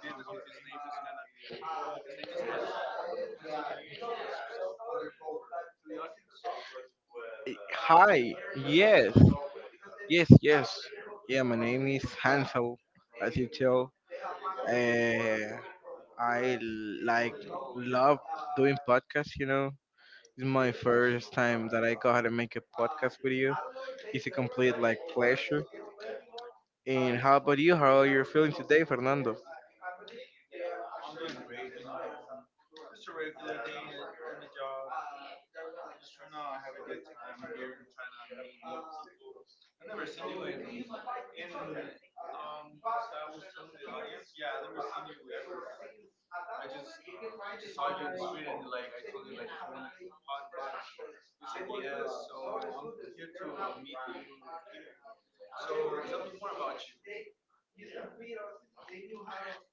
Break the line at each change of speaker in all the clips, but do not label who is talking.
Well, he's a community specialist here in Latin South Florida.
Hi, yes, yes, yes. Yeah, my name is Hansel, as you tell. Uh, I like love doing podcasts, you know. It's my first time that I go how to make a podcast with you. It's a complete like pleasure. And how about you? How are you feeling today, Fernando?
Just a regular job. To here and trying to meet people. Yeah,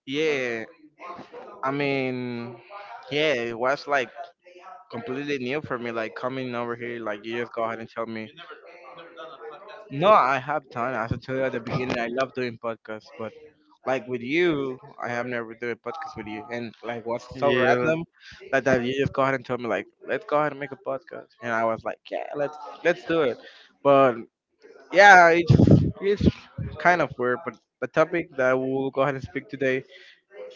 Yeah, I mean, yeah, it was like completely new for me. Like coming over here, like you just go ahead and tell me. No, I have done. As I told you at the beginning, I love doing podcasts, but like with you, I have never done a podcast with you. And like, what's so
yeah.
random like that you just go ahead and told me like, let's go ahead and make a podcast, and I was like, yeah, let's do it. But yeah, it's kind of weird, but the topic that we'll go ahead and speak today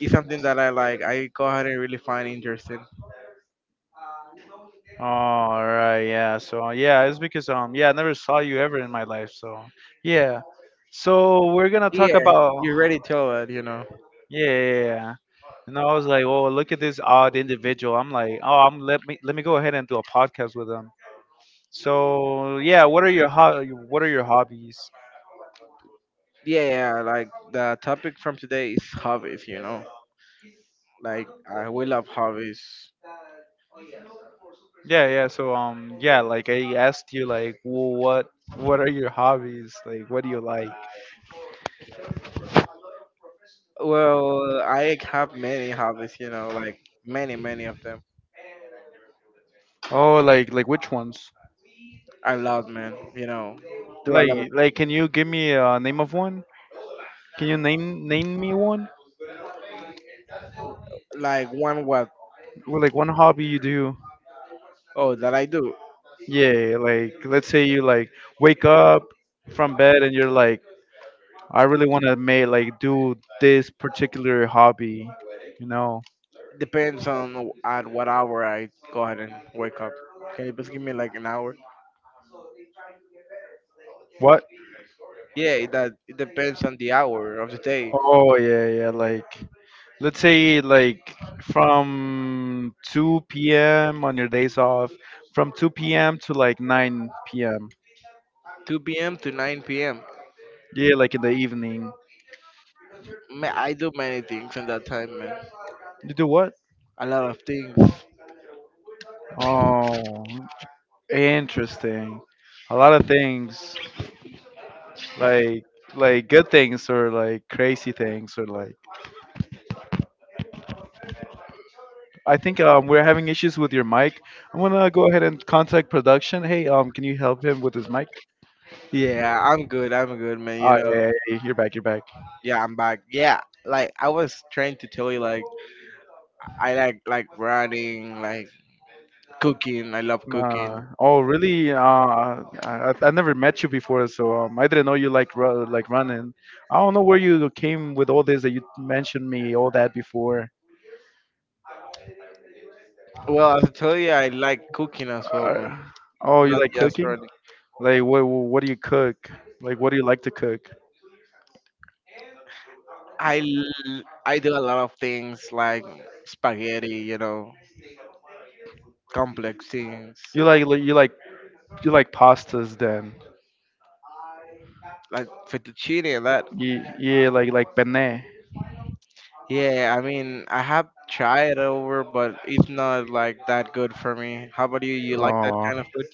is something that I like. I go ahead and really find interesting.
All right. Yeah. So yeah, it's because yeah, I never saw you ever in my life. So yeah. So we're gonna talk
Yeah,
about.
you already tell it, you know.
Yeah. Yeah, yeah. And I was like, oh, look at this odd individual. I'm like, oh, I'm let me go ahead and do a podcast with them. So yeah, what are your hobbies?
Yeah, yeah, like the topic from today is hobbies, you know. Like I we love hobbies.
Yeah, yeah. So yeah, like I asked you like, well, what are your hobbies? Like, what do you like?
Well, I have many hobbies, you know, like many, many of them.
Oh, like which ones?
I love, man, you know, do a lot
Like
of
like can you give me a name of one? Can you name me one?
things. Like one what?
Well, like one hobby you do?
Oh, that I do
Yeah, like let's say you like wake up from bed and you're like, I really want to make like do this particular hobby, you know?
depends on at what hour I go ahead and wake up. Can you please give me like an hour?
What?
Yeah, that it depends on the hour of the day.
Oh yeah, yeah. Like let's say like from 2 p.m. on your days off, from 2 p.m. to like 9 p.m.
2 p.m. to 9 p.m.
Yeah, like in the evening.
Man, I do many things in that time, man.
You do what?
A lot of things.
Oh, interesting. A lot of things, like like good things or like crazy things or like. I think we're having issues with your mic. I'm gonna go ahead and contact production. Hey, can you help him with his mic?
Yeah, I'm good. I'm good, man. You
Ah,
know.
yeah, yeah, yeah, you're back. You're back.
Yeah, I'm back. Yeah, like I was trying to tell you, like I like running, like cooking. I love cooking.
Oh, really? I never met you before, so I didn't know you like running. I don't know where you came with all this that you mentioned me all that before.
Well, as I tell you, I like cooking as well, man.
Uh, oh, you
Not
like
just
cooking?
running.
Like what do you cook? Like what do you like to cook?
I do a lot of things like spaghetti, you know, complex things
You like like- you like you like pastas then?
like fettuccine and that.
Yeah, yeah, like penne.
Yeah, I mean, I have tried over, but it's not like that good for me. How about you? You like that
Oh,
kind of food?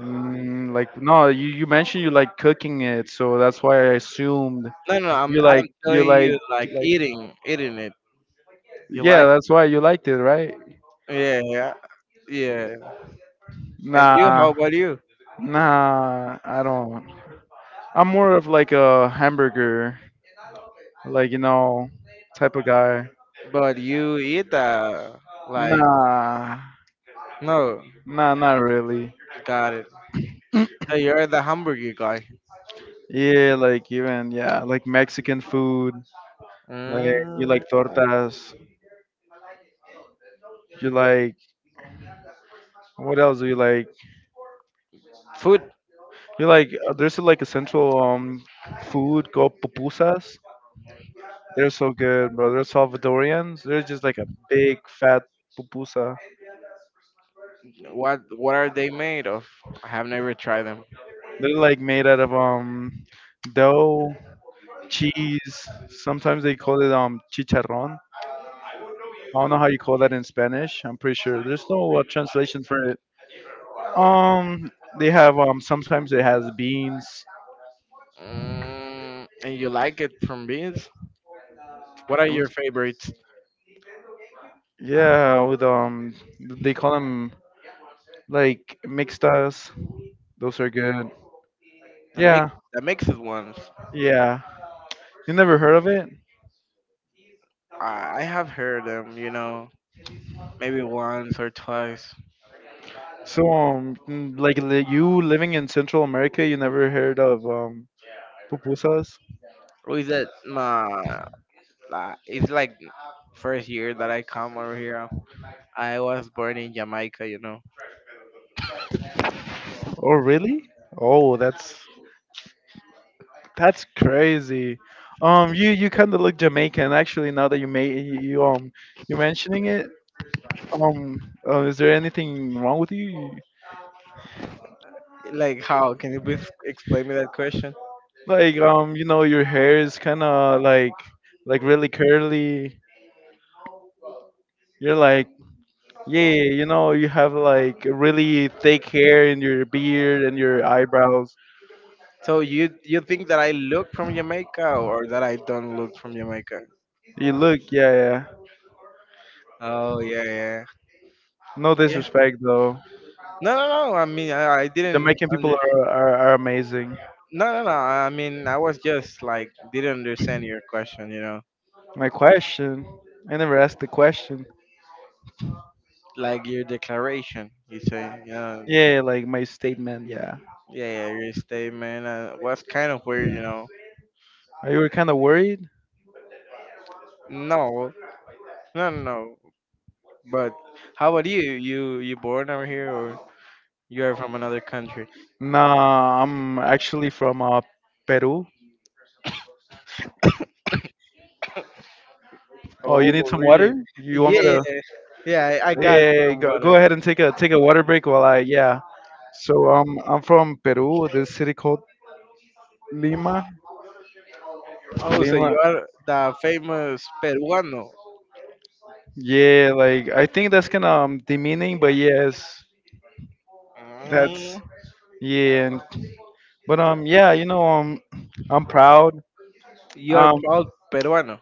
like no, you mentioned you like cooking it, so that's why I assumed.
No, no, I'm
You like
I'm
you
telling
like
you, like
you like
eating it. You
Yeah,
like?
that's why you liked it, right?
Yeah, yeah, yeah. And you?
Nah,
How about you?
nah, I don't. I'm more of like a hamburger, like, type of guy.
But you eat like
Nah,
no,
nah, not really.
got it. So you're the hamburger guy.
Yeah, like even yeah, like Mexican food. Like you like
Mm,
tortas. You like What else do you like?
food.
You like there's like a central food called pupusas. They're so good, bro. They're Salvadorians. They're just like a big fat pupusa.
What are they made of? I have never tried them.
They're like made out of dough, cheese. Sometimes they call it chicharron. I don't know how you call that in Spanish. I'm pretty sure there's no translation for it. Um, they have sometimes it has beans.
Mm, and you like it from beans? What are
It
your
was-
favorites?
yeah, with they call them like mixtas. Those are good.
The mix,
Yeah,
the mixed ones.
yeah. You never heard of it?
I have heard them, you know, maybe once or twice.
So like you living in Central America, you never heard of pupusas?
With that, my it's like first year that I come over here. I was born in Jamaica, you know.
Oh really? Oh, that's crazy. You kind of look Jamaican actually. Now that you're mentioning it, um, is there anything wrong with you?
Like, how can you please explain me that question?
Like, your hair is kind of like really curly. You're like, yeah, you have like really thick hair in your beard and your eyebrows.
So you think that I look from Jamaica or that I don't look from Jamaica?
You look, yeah, yeah.
Oh yeah, yeah,
No
yeah.
disrespect though.
No, no, no. I mean, I didn't
Jamaican people
under.
are amazing.
No, no, no. I mean, I was just like didn't understand your question. You know,
My question, I never asked the question.
like your declaration. You say, yeah,
Yeah, like my statement. Yeah.
yeah, your statement was kind of weird. You know,
Are you kind of worried?
no, no, no. But how about you? You born over here or you are from another country?
Nah, I'm actually from Peru. Oh,
Oh,
you need some
really?
water? You want me
Yeah,
to?
yeah. I got
Yeah,
some
go,
water.
go ahead and take a water break while I yeah. So I'm from Peru. This city called Lima.
Oh, so
Lima.
you are the famous peruano.
Yeah, like I think that's kind of demeaning, but yes, that's
Mm.
yeah. But yeah, I'm proud.
You're
Um,
proud Peruano.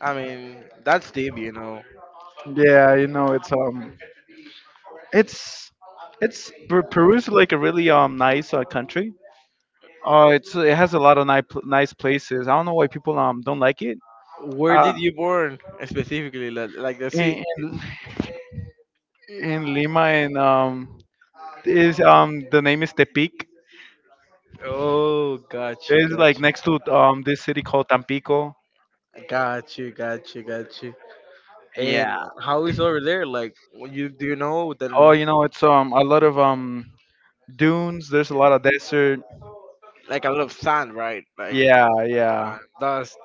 I mean, that's deep, you know.
yeah, it's Peru's like a really nice country. It has a lot of nice places. I don't know why people don't like it.
Where
Uh,
did you born specifically? Like the city?
in in Lima and is the name is Tepic.
Oh, got you,
It's like
got
next to this city called Tampico.
you, got you, got you, got you. And
Yeah.
how is over there? Like, when you do you know
Oh,
that?
you know it's a lot of dunes. There's a lot of desert.
Like a lot of sand, right? Like
Yeah, yeah.
dust.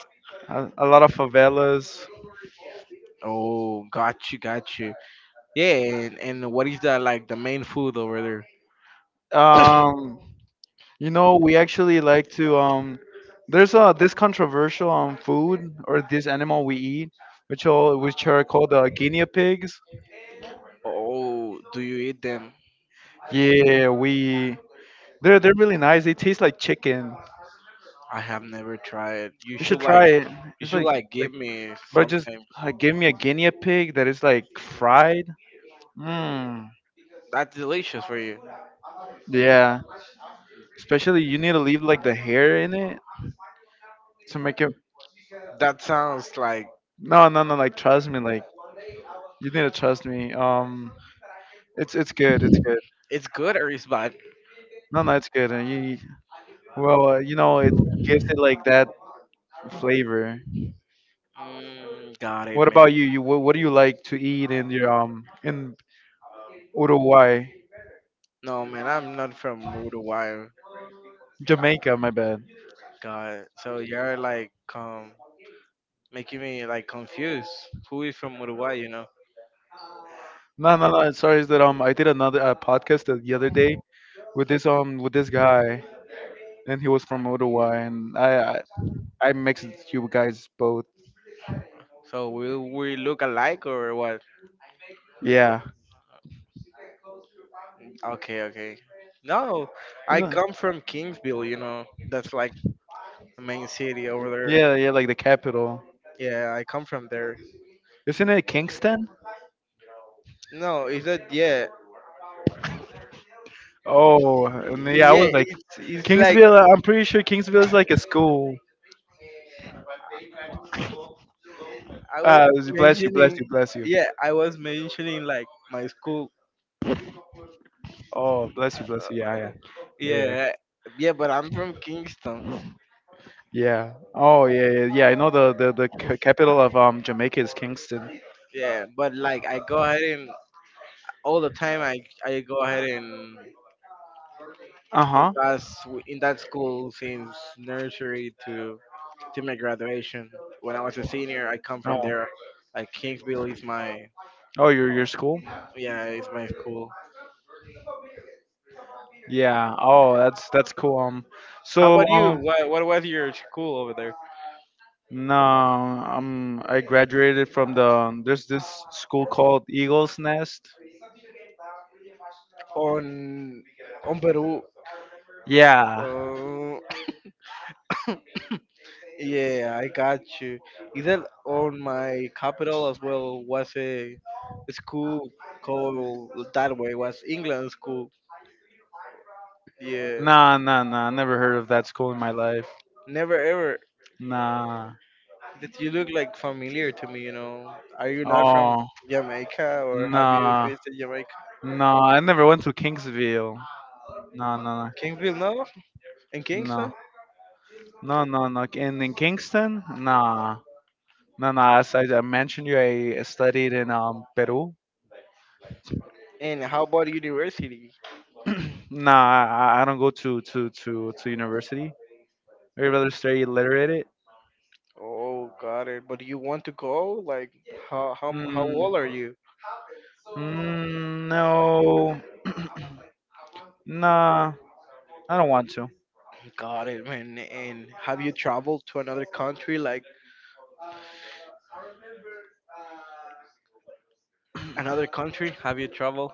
A lot of favelas.
Oh, got you, got you. Yeah, and what is that? Like the main food over there?
Um. You know, we actually like to there's this controversial food or this animal we eat, which are called guinea pigs.
Oh, do you eat them?
Yeah, we they're really nice. They taste like chicken.
I have never tried.
You should try it.
You
It's
should
like
like give
like
me
but just
something
give me a guinea pig that is like fried. Mmm.
that's delicious for you.
Yeah. Especially you need to leave like the hair in it to make it.
That sounds like
No, no, no, like trust me, like you need to trust me. It's good, it's good.
it's good or it's bad.
No, no, it's good. And you, well, it gives it like that flavor.
Mm, got it,
What
man.
about you? What do you like to eat in your in Uruguay,
No, man, I'm not from Uruguay.
Jamaica? My bad.
God, so you're like making me like confused. Who is from Uruguay? You know?
No, no, no. Sorry, is that I did another podcast the other day with this guy, and he was from Uruguay, and I mixed you guys both.
So will we look alike or what?
Yeah,
Okay, okay. No,
You
I
know-
come from Kingsville. You know, that's like the main city over there.
yeah, yeah. Like the capital,
Yeah, I come from there.
isn't it Kingston?
No, it's not. Yeah,
Oh, and yeah, I
yeah.
was like
It's like
Kingsville. I'm pretty sure Kingsville is like a school.
I was
Uh, bless you, bless
mentioning.
you, bless you.
Yeah, I was mentioning like my school.
Oh, bless you, bless
Uh,
you. Yeah, yeah, yeah,
yeah, yeah. But I'm from Kingston.
yeah. Oh, yeah, yeah, yeah. I know the capital of Jamaica is Kingston.
Yeah, but like I go ahead and all the time I go ahead and
Uh
in
huh.
that in that school since nursery to my graduation. When I was a senior, I come from
Oh,
there. Like Kingsville is my
oh, your school.
yeah, it's my school.
Yeah. Oh, that's cool.
How
So
about you? What was your school over there?
no, I graduated from there's this school called Eagles Nest.
on on Peru.
Yeah.
Uh, yeah, I got you. Is that on my capital as well? Was a school called that way? Was England school? Yeah,
Nah, nah, nah. I never heard of that school in my life.
never ever.
Nah.
That you look like familiar to me. You know, are you not from
Oh,
Jamaica or have you
nah,
visited Jamaica?
nah. I never went to Kingsville. No, no,
Kingsville, no. In
no,
Kingston?
no, no, no, no. And in Kingston, nah, no, no. As I mentioned, you, I studied in Peru.
And how about university?
Nah, I don't go to university. I'd rather stay illiterate.
Oh, got it. But do you want to go? Like, how
Mm,
old are you?
mm, no, nah. I don't want to.
Got it, man. And have you traveled to another country? Like another country? Have you traveled?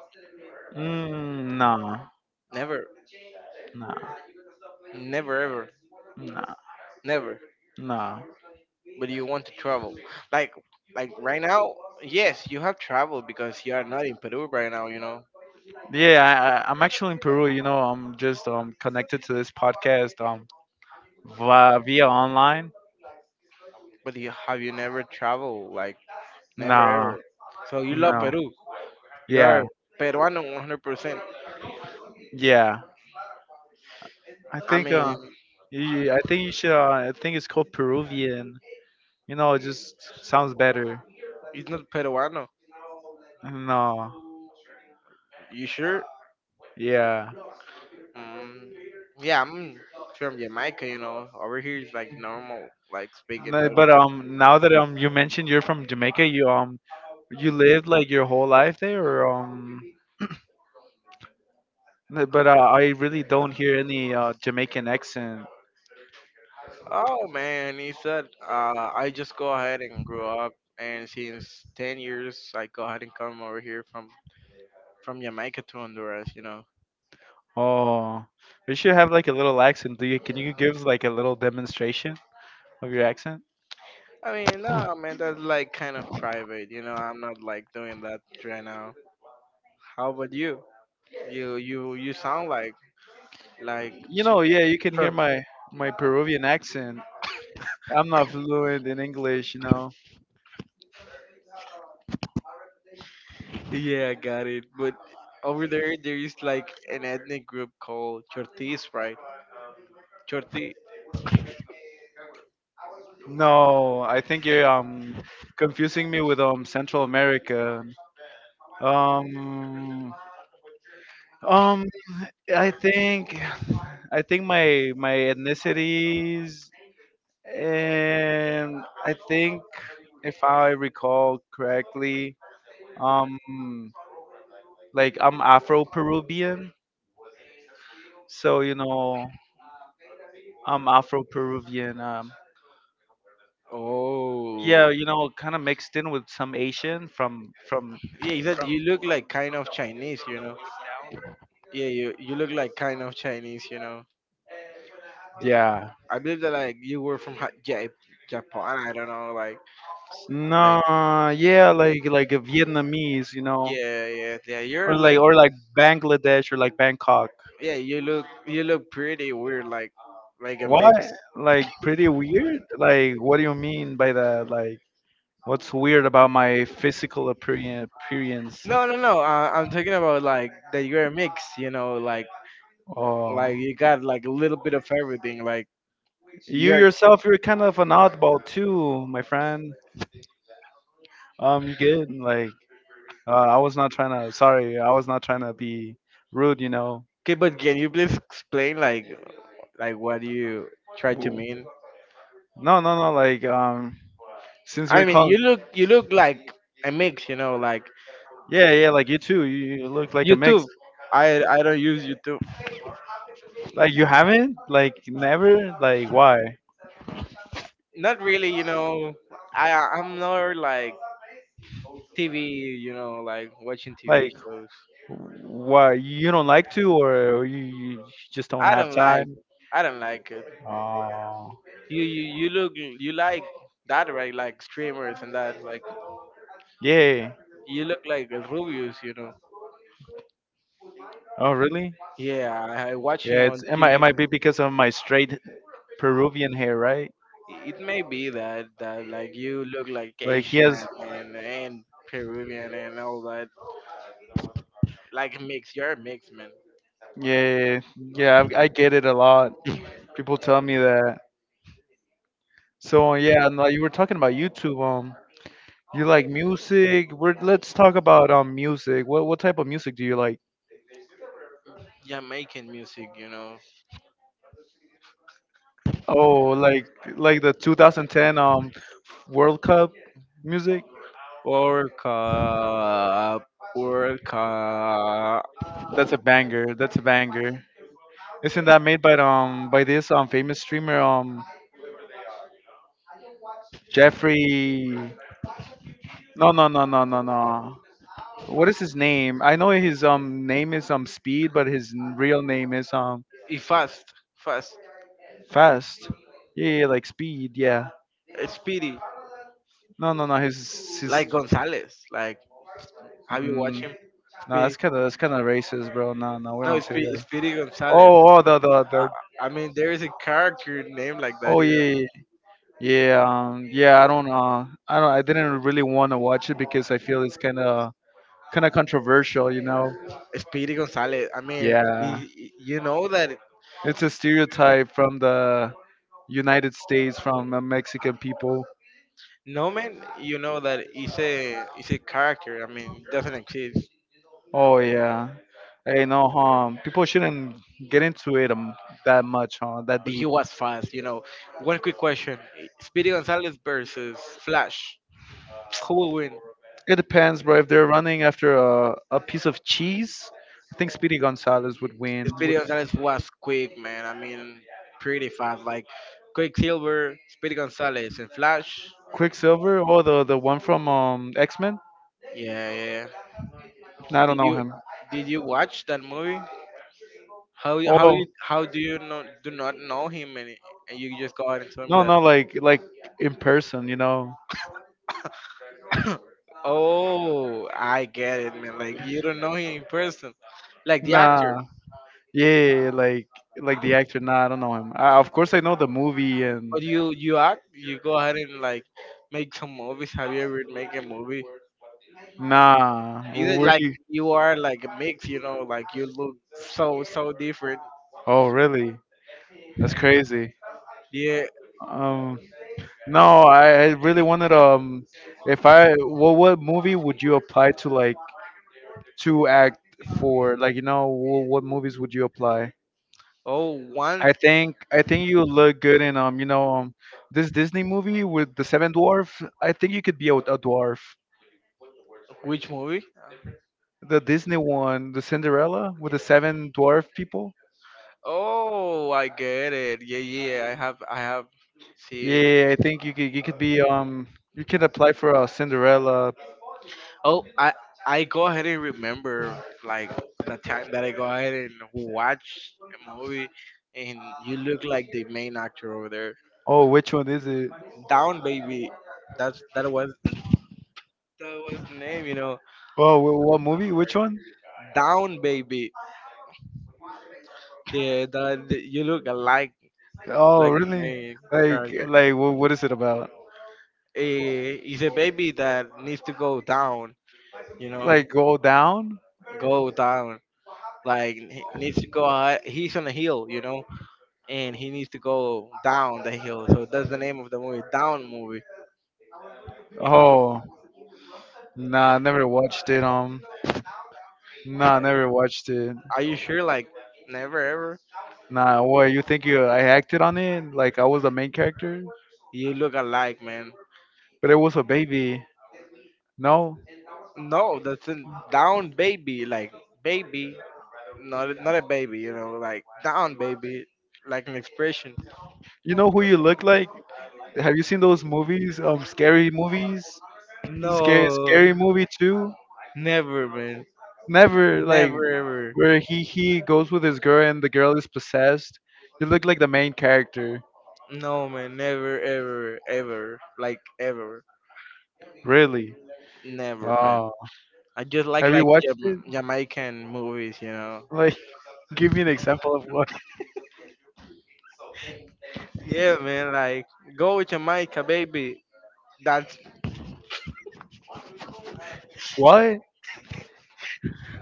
Mm, nah,
Never,
nah,
never, ever,
nah.
never.
Nah.
But you want to travel? Like like right now? Yes, you have traveled because you are not in Peru right now. You know.
Yeah, I'm actually in Peru. You know, I'm just connected to this podcast via online.
But you, have you never traveled? Like, never ever.
Nah,
So you love
no.
Peru. You're
Yeah,
Peruano 100%.
yeah. I
I
think uh,
mean,
I think you should. I think it's called Peruvian. You know, it just sounds better.
it's not Peruano.
No.
You sure?
Yeah.
Mm, yeah, I'm from Jamaica, you know. Over here is like normal, like speaking.
No,
That
but now that you mentioned you're from Jamaica, you lived like your whole life there, or. No, but I really don't hear any Jamaican accent.
oh man, he said, I just go ahead and grew up, and since 10 years, I go ahead and come over here from Jamaica to Honduras, you know.
Oh, you should have like a little accent. Do you? Can you give like a little demonstration of your accent?
I mean, no, man, that's like kind of private. You know, I'm not like doing that right now. How about you? You sound like
You know, yeah, you can hear
Chor-
my Peruvian accent. I'm not fluent in English, you know.
yeah, I got it. But over there, there is like an ethnic group called Chortis, right? Chorti.
No, I think you're confusing me with Central America. Um, um, I think I think my ethnicities and I think if I recall correctly, um, like I'm Afro Peruvian, so you know I'm Afro Peruvian.
Oh, yeah.
Yeah, kind of mixed in with some Asian from
He said you look like kind of Chinese? You know. Yeah, you look like kind of Chinese. You know.
yeah,
I believe that like you were from Japan. I don't know, like
no,
like
yeah, like a Vietnamese,
yeah, yeah, yeah.
or
You're look,
like Bangladesh or like Bangkok.
yeah, you look pretty weird, like a
What?
mix.
Like pretty weird? Like what do you mean by that? Like what's weird about my physical appearance?
No, no, no. I'm talking about like that you're a mix. You know,
Oh,
like you got like a little bit of everything. Like
you
you're
yourself, you're kind of an oddball too, my friend. You get like, I was not trying to. Sorry, I was not trying to be rude. You know.
okay, but can you please explain like what you try to
Ooh.
mean?
No, no, no. Like, since you're
I mean,
calling,
you look like a mix. You know, like
yeah, yeah. Like you too. You look like a mix.
YouTube. I don't use YouTube.
Like you haven't? Like never? Like why?
Not really, you know. I'm not like TV, you know, like watching TV
Like
shows.
why you don't like to, or you just don't
I
have
don't like
time?
I don't like it.
Oh.
You look you like that right like streamers and that like
Yeah.
you look like a Rubius, you know.
Oh, really?
Yeah, I watch
Yeah,
him
it's
on
it might it
TV.
might be because of my straight Peruvian hair, right?
It may be that that like you look like
Like he has.
Asian and Peruvian and all that. Like mix, you're a mix man.
Yeah, yeah, I get it a lot. People tell me that. So yeah, and like you were talking about YouTube. You like music? We're Let's talk about music. What type of music do you like?
Jamaican music, you know.
Oh, like the 2010 World Cup music.
Work up, work up.
That's a banger. That's a banger. Isn't that made by this famous streamer Jeffrey. No, no, no, no, no, no. What is his name? I know his name is Speed, but his real name is
Y fast, fast,
Fast. Yeah, yeah, like Speed. Yeah.
eh, speedy,
No, no, no. His his.
like Gonzalez. Like, have you watched
Um,
him?
no,
Speedy,
that's kind of racist, bro. No, no, we
no,
don't say
Speedy,
that.
Speedy Gonzalez.
Oh, oh, the the
I,
the.
I mean, there is a character named like that,
Oh
you
yeah,
know.
yeah, yeah. Yeah, yeah, I don't. I don't. I didn't really want to watch it because I feel it's kind of controversial, you know.
Speedy Gonzalez. I mean,
Yeah,
you know that.
it's a stereotype from the United States from the Mexican people.
No man, you know that he's a character. I mean, it doesn't exist.
Oh yeah. Hey, no harm. People shouldn't get into it that much, huh? That
But he
deep.
was fast. You know, one quick question: Speedy Gonzalez versus Flash, who will win?
It depends, bro. If they're running after a piece of cheese, I think Speedy Gonzalez would win.
Speedy
Would
Gonzalez was quick, man. I mean, pretty fast. Like Quicksilver, Speedy Gonzalez, and Flash.
Quicksilver or the one from X Men?
Yeah, yeah.
No, I don't
Did
know
you
him.
did you watch that movie? How you- how
Oh
you how do you know do not know him and you just go out and tell me
no,
that?
no, like in person.
Oh, I get it, man. Like you don't know him in person, like the actor.
Nah. Yeah, like the actor. Nah, I don't know him. I, of course, I know the movie and.
But you act, you go ahead and like make some movies. Have you ever make a movie?
Nah,
Either
were
like
you?
you are like a mix, you know, like you look so so different.
Oh, really? That's crazy.
Yeah.
Um, no, I really wanted if I, what movie would you apply to like to act for? Like, you know, what movies would you apply?
Oh, one
I think you look good in this Disney movie with the seven dwarf. I think you could be a dwarf.
which movie?
The Disney one, the Cinderella with the seven dwarf people.
Oh, I get it. Yeah, yeah. I have
Yeah,
seen it.
yeah, yeah, I think you could be you could apply for a Cinderella.
Oh, I go ahead and remember like the time that I go ahead and watch a movie, and you look like the main actor over there.
Oh, which one is it?
Down Baby. That was that was the name, you know.
Oh, what movie? Which one?
Down Baby. Yeah, that you look alike
Oh,
like the
really?
main character.
Like what is it about?
Eh, it's a baby that needs to go down, you know,
Like go down?
go down. Like he needs to go. Uh, he's on a hill, you know, and he needs to go down the hill. So that's the name of the movie, Down Movie.
Oh, nah, I never watched it. Nah, I never watched it.
Are you sure? Like never ever.
Nah, what you think you I acted on it? Like I was the main character,
You look alike, man.
but it was a baby. No,
No, that's a down baby. Like baby not a baby, you know, like down baby, like an expression.
you know who you look like? Have you seen those movies? Scary movies. Scary,
No,
scary movie too.
never, man,
Never like
never ever.
where he goes with his girl and the girl is possessed. You look like the main character,
No, man, never ever ever, like ever,
really.
never, man.
Oh,
I just like
have you
like
watched
Jam-
it?
Jamaican movies, you know.
Like, give me an example of what?
Yeah, man, like go Jamaica, baby. That's
What?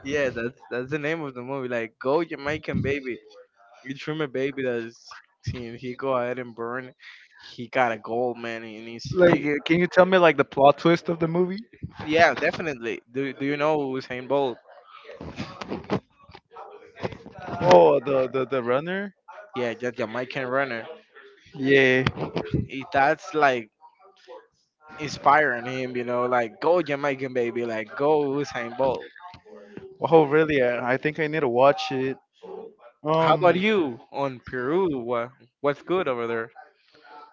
yeah, that's the name of the movie. Like go Jamaican, baby. You from a baby that's, he go ahead and burn. He got a gold, man, and he's
Like,
he
can you tell me like the plot twist of the movie?
Yeah, definitely. Do you know Usain Bolt?
Oh, the runner.
Yeah, the Jamaican runner.
Yeah.
That's like inspiring him, you know, like go Jamaican baby, like go Usain Bolt.
Oh, really? I think I need to watch it.
How
Um,
about you on Peru? What's good over there?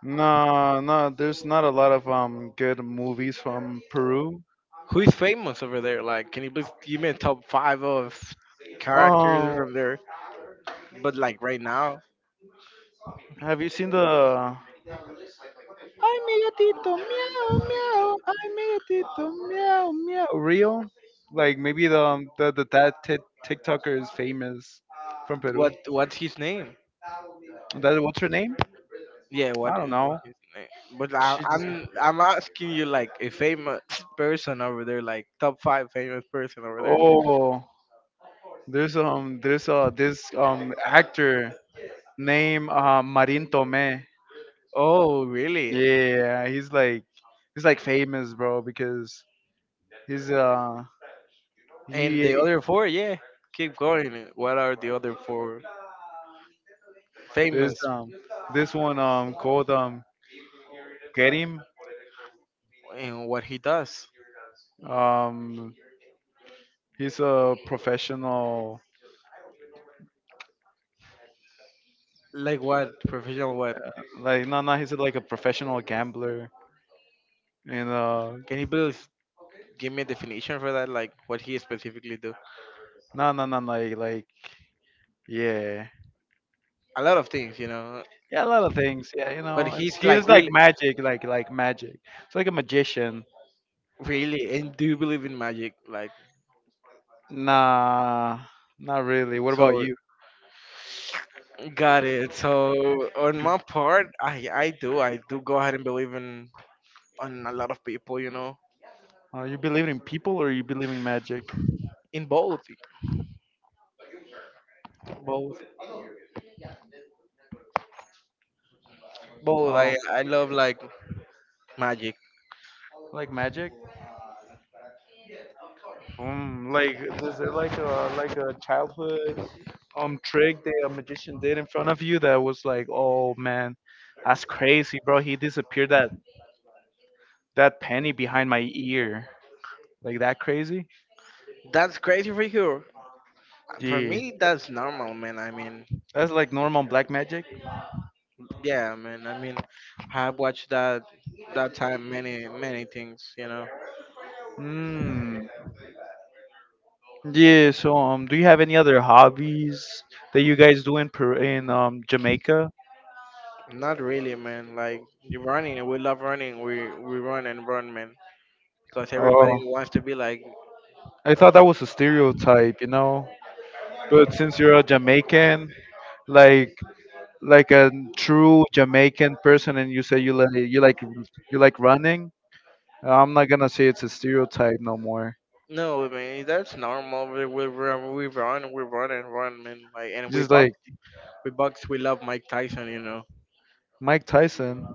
no, no, there's not a lot of good movies from Peru.
Who is famous over there? Like, can you please give me a top five of characters
Um,
from there? But like right now,
Have you seen the I'm a Tito meow meow I'm a Tito meow meow reel? Like maybe the the that TikToker is famous from Peru.
What's his name?
That what's her name?
Yeah, what
I don't
what
know.
is the name? But I,
She just
I'm I'm asking you like a famous person over there, like top five famous person over there.
oh there's this actor named Marin Tome.
Oh, really?
Yeah, he's like famous, bro, because he's
And the
he.
other four, yeah. Keep going. What are the other four
There's
famous
this one called Kerim.
and what he does?
Um, he's a professional
Like what professional? What
like no he's like a professional gambler and
can you please give me a definition for that? Like what he specifically do?
no like yeah
A lot of things, you know.
yeah a lot of things yeah you
But
know it's
he's like
he's like
really
magic like magic it's like a magician
really? And do you believe in magic? Like,
nah not really what about
so
you
got it. So on my part, I do go ahead and believe in on a lot of people. You know,
you believe in people or you believe in magic
in both, both, both.
oh
I love like magic.
like magic. Like is it like a childhood trick that a magician did in front of you that was like, oh man, that's crazy, bro. He disappeared that penny behind my ear. Like that crazy?
That's crazy for you. For
Yeah.
me, that's normal, man. I mean,
That's like normal black magic.
yeah, man. I mean, I've watched that time many things. You know,
Hmm. Yeah. So do you have any other hobbies that you guys do in Peru, in Jamaica?
not really, man. Like you running, we love running. We run and run, man. Because everybody
Oh,
wants to be like,
I thought that was a stereotype, you know. But since you're a Jamaican, like like a true Jamaican person and you say you like running, I'm not gonna say it's a stereotype no more.
no, man, that's normal. We run, we run, we run and run, man. Like, and we
Just
box,
like
we box. We love Mike Tyson, you know.
Mike Tyson,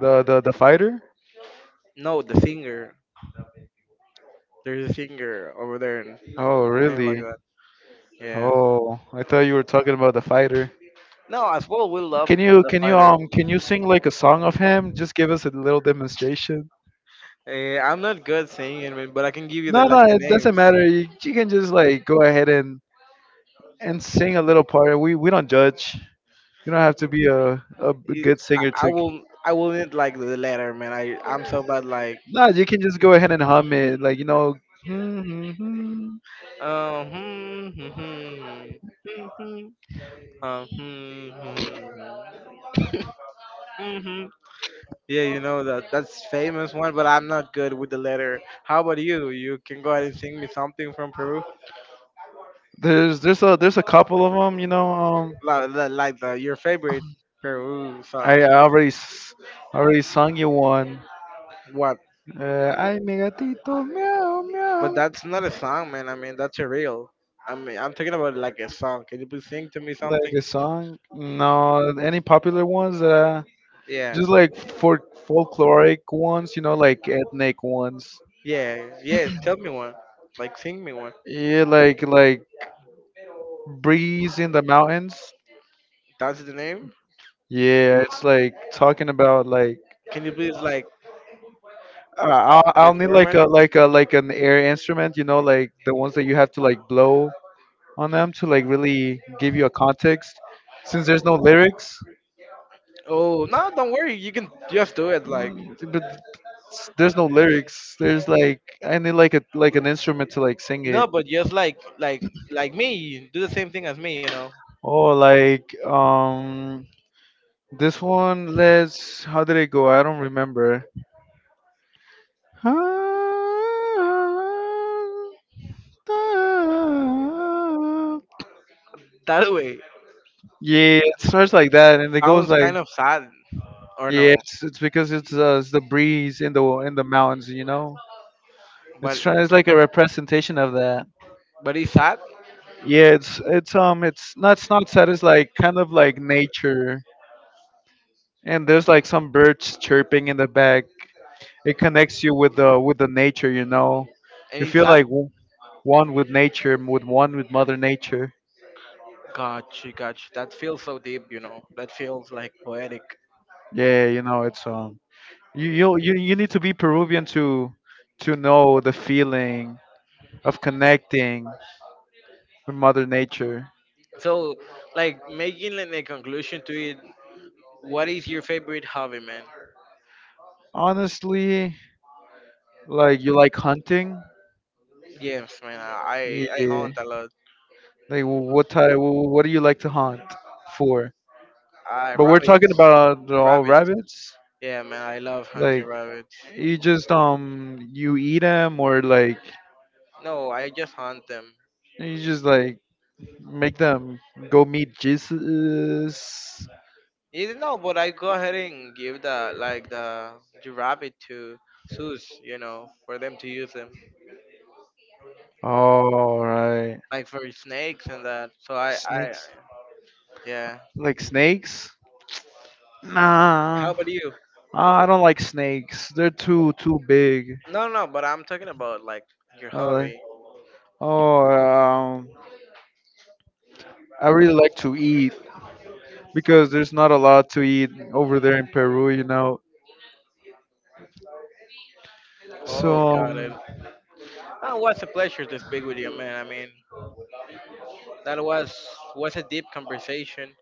the fighter.
No, the singer. There's a singer over there, and
Oh
name like
really?
that. Yeah.
Oh, I thought you were talking about the fighter.
No, as well, we love
Can you
the
can you
fighter.
can you sing like a song of him? Just give us a little demonstration.
I'm not good singing, man, but I can give you the
No,
like
no,
the
it doesn't
names.
matter. You can just like go ahead and sing a little part. We don't judge. You don't have to be a
It-
good
I,
singer
I
to.
will, I will need like the letter, man. I, I'm so bad. Like,
Nah, you can just go ahead and hum it. Like you know,
hmm, hmm, hmm, hmm, hmm, hmm, hmm, hmm. hmm, hmm. Yeah, you know that that's famous one, but I'm not good with the letter. How about you? You can go ahead and sing me something from Peru,
there's a couple of them. You know,
like the your favorite Peru song.
I already already sung you one.
What?
Ay, mi gatito, meow meow.
But that's not a song, man. I mean, that's a reel. I mean, I'm talking about like a song. Can you please sing to me
Like
something?
a song? No, any popular ones?
Yeah,
Just like for folkloric ones, you know, like ethnic ones.
yeah, yeah. Tell me one. Like, sing me one.
Yeah, like breeze in the mountains.
That's the name.
Yeah, it's like talking about like.
Can you please like
I'll need
perform
like
it?
a an air instrument, you know, like the ones that you have to like blow on them to like really give you a context. Since there's no lyrics,
Oh no, don't worry. You can just do it. Like
mm, but there's no lyrics. There's like I need like a an instrument to like sing it.
no, but just like me, do the same thing as me. You know.
Oh, like this one. Let's. How did it go? I don't remember.
That way
Yeah, it starts like that, and it goes
sounds
like.
kind of sad, or no?
Yeah, it's because it's the breeze in the mountains, you know.
But
It's like a representation of that.
but it's sad,
Yeah, it's it's not sad. It's like kind of like nature, and there's like some birds chirping in the back. It connects you with the nature, you know.
and
You
it's
feel
sad.
like one with nature, with one with Mother Nature.
Gotcha, gotcha. That feels so deep, you know. That feels like poetic.
Yeah, you know, it's you need to be Peruvian to know the feeling of connecting with Mother Nature.
So, like making like, a conclusion to it. What is your favorite hobby, man?
Honestly, like you like hunting?
Yes, man. I
Yeah.
hunt a lot.
Like what type? What do you like to hunt for?
I
But we're
rabbit,
talking about the all
rabbit.
rabbits.
Yeah, man. I love hunting
Like
rabbits.
you just you eat them or like
No, I just hunt them.
you just like make them go meet Jesus.
You know, but I go ahead and give the like the rabbit to zoos, you know, for them to use them.
All right.
Like for snakes and that.
Snakes?
Yeah.
Like snakes?
How
Nah.
about you?
I don't like snakes. They're too too big.
No, no, but I'm talking about like your
I like,
hobby.
oh, I really like to eat, because there's not a lot to eat over there in Peru, you know. So
Oh, got it. Oh, it was a pleasure to speak with you, man. I mean, that was a deep conversation.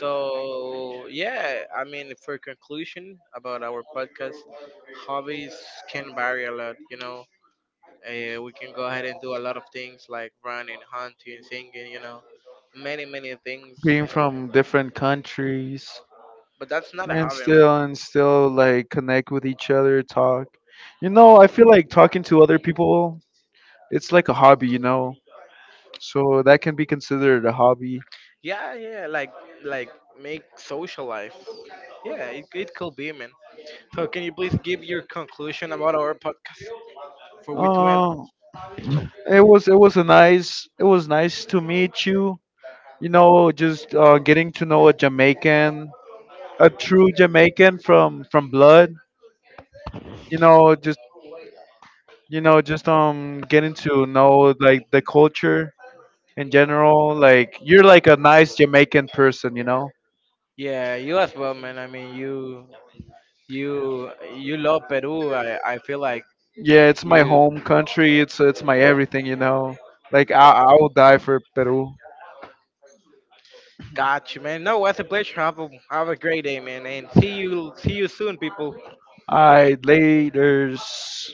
So yeah, I mean, for conclusion about our podcast, hobbies can vary a lot. You know, we can go ahead and do a lot of things like running, hunting, singing. You know, many things.
being from different countries
But that's not a
and
hobby, man.
still like connect with each other, talk. You know, I feel like talking to other people, it's like a hobby, you know. So that can be considered a hobby.
Yeah, yeah, like make social life. Yeah, it could be, man. So can you please give your conclusion about our podcast for we to end?
Uh, it was a nice it was nice to meet you. You know, just getting to know a Jamaican, a true Jamaican from blood you know, you know, just getting to know like the culture in general. Like you're like a nice Jamaican person, you know.
Yeah, you as well, man. I mean, you love Peru. I feel like
Yeah, it's my
you.
home country. It's my everything, you know. Like I'll die for Peru.
Got you, man. No, it's a pleasure. Have a great day, man, and see you soon, people.
I laters.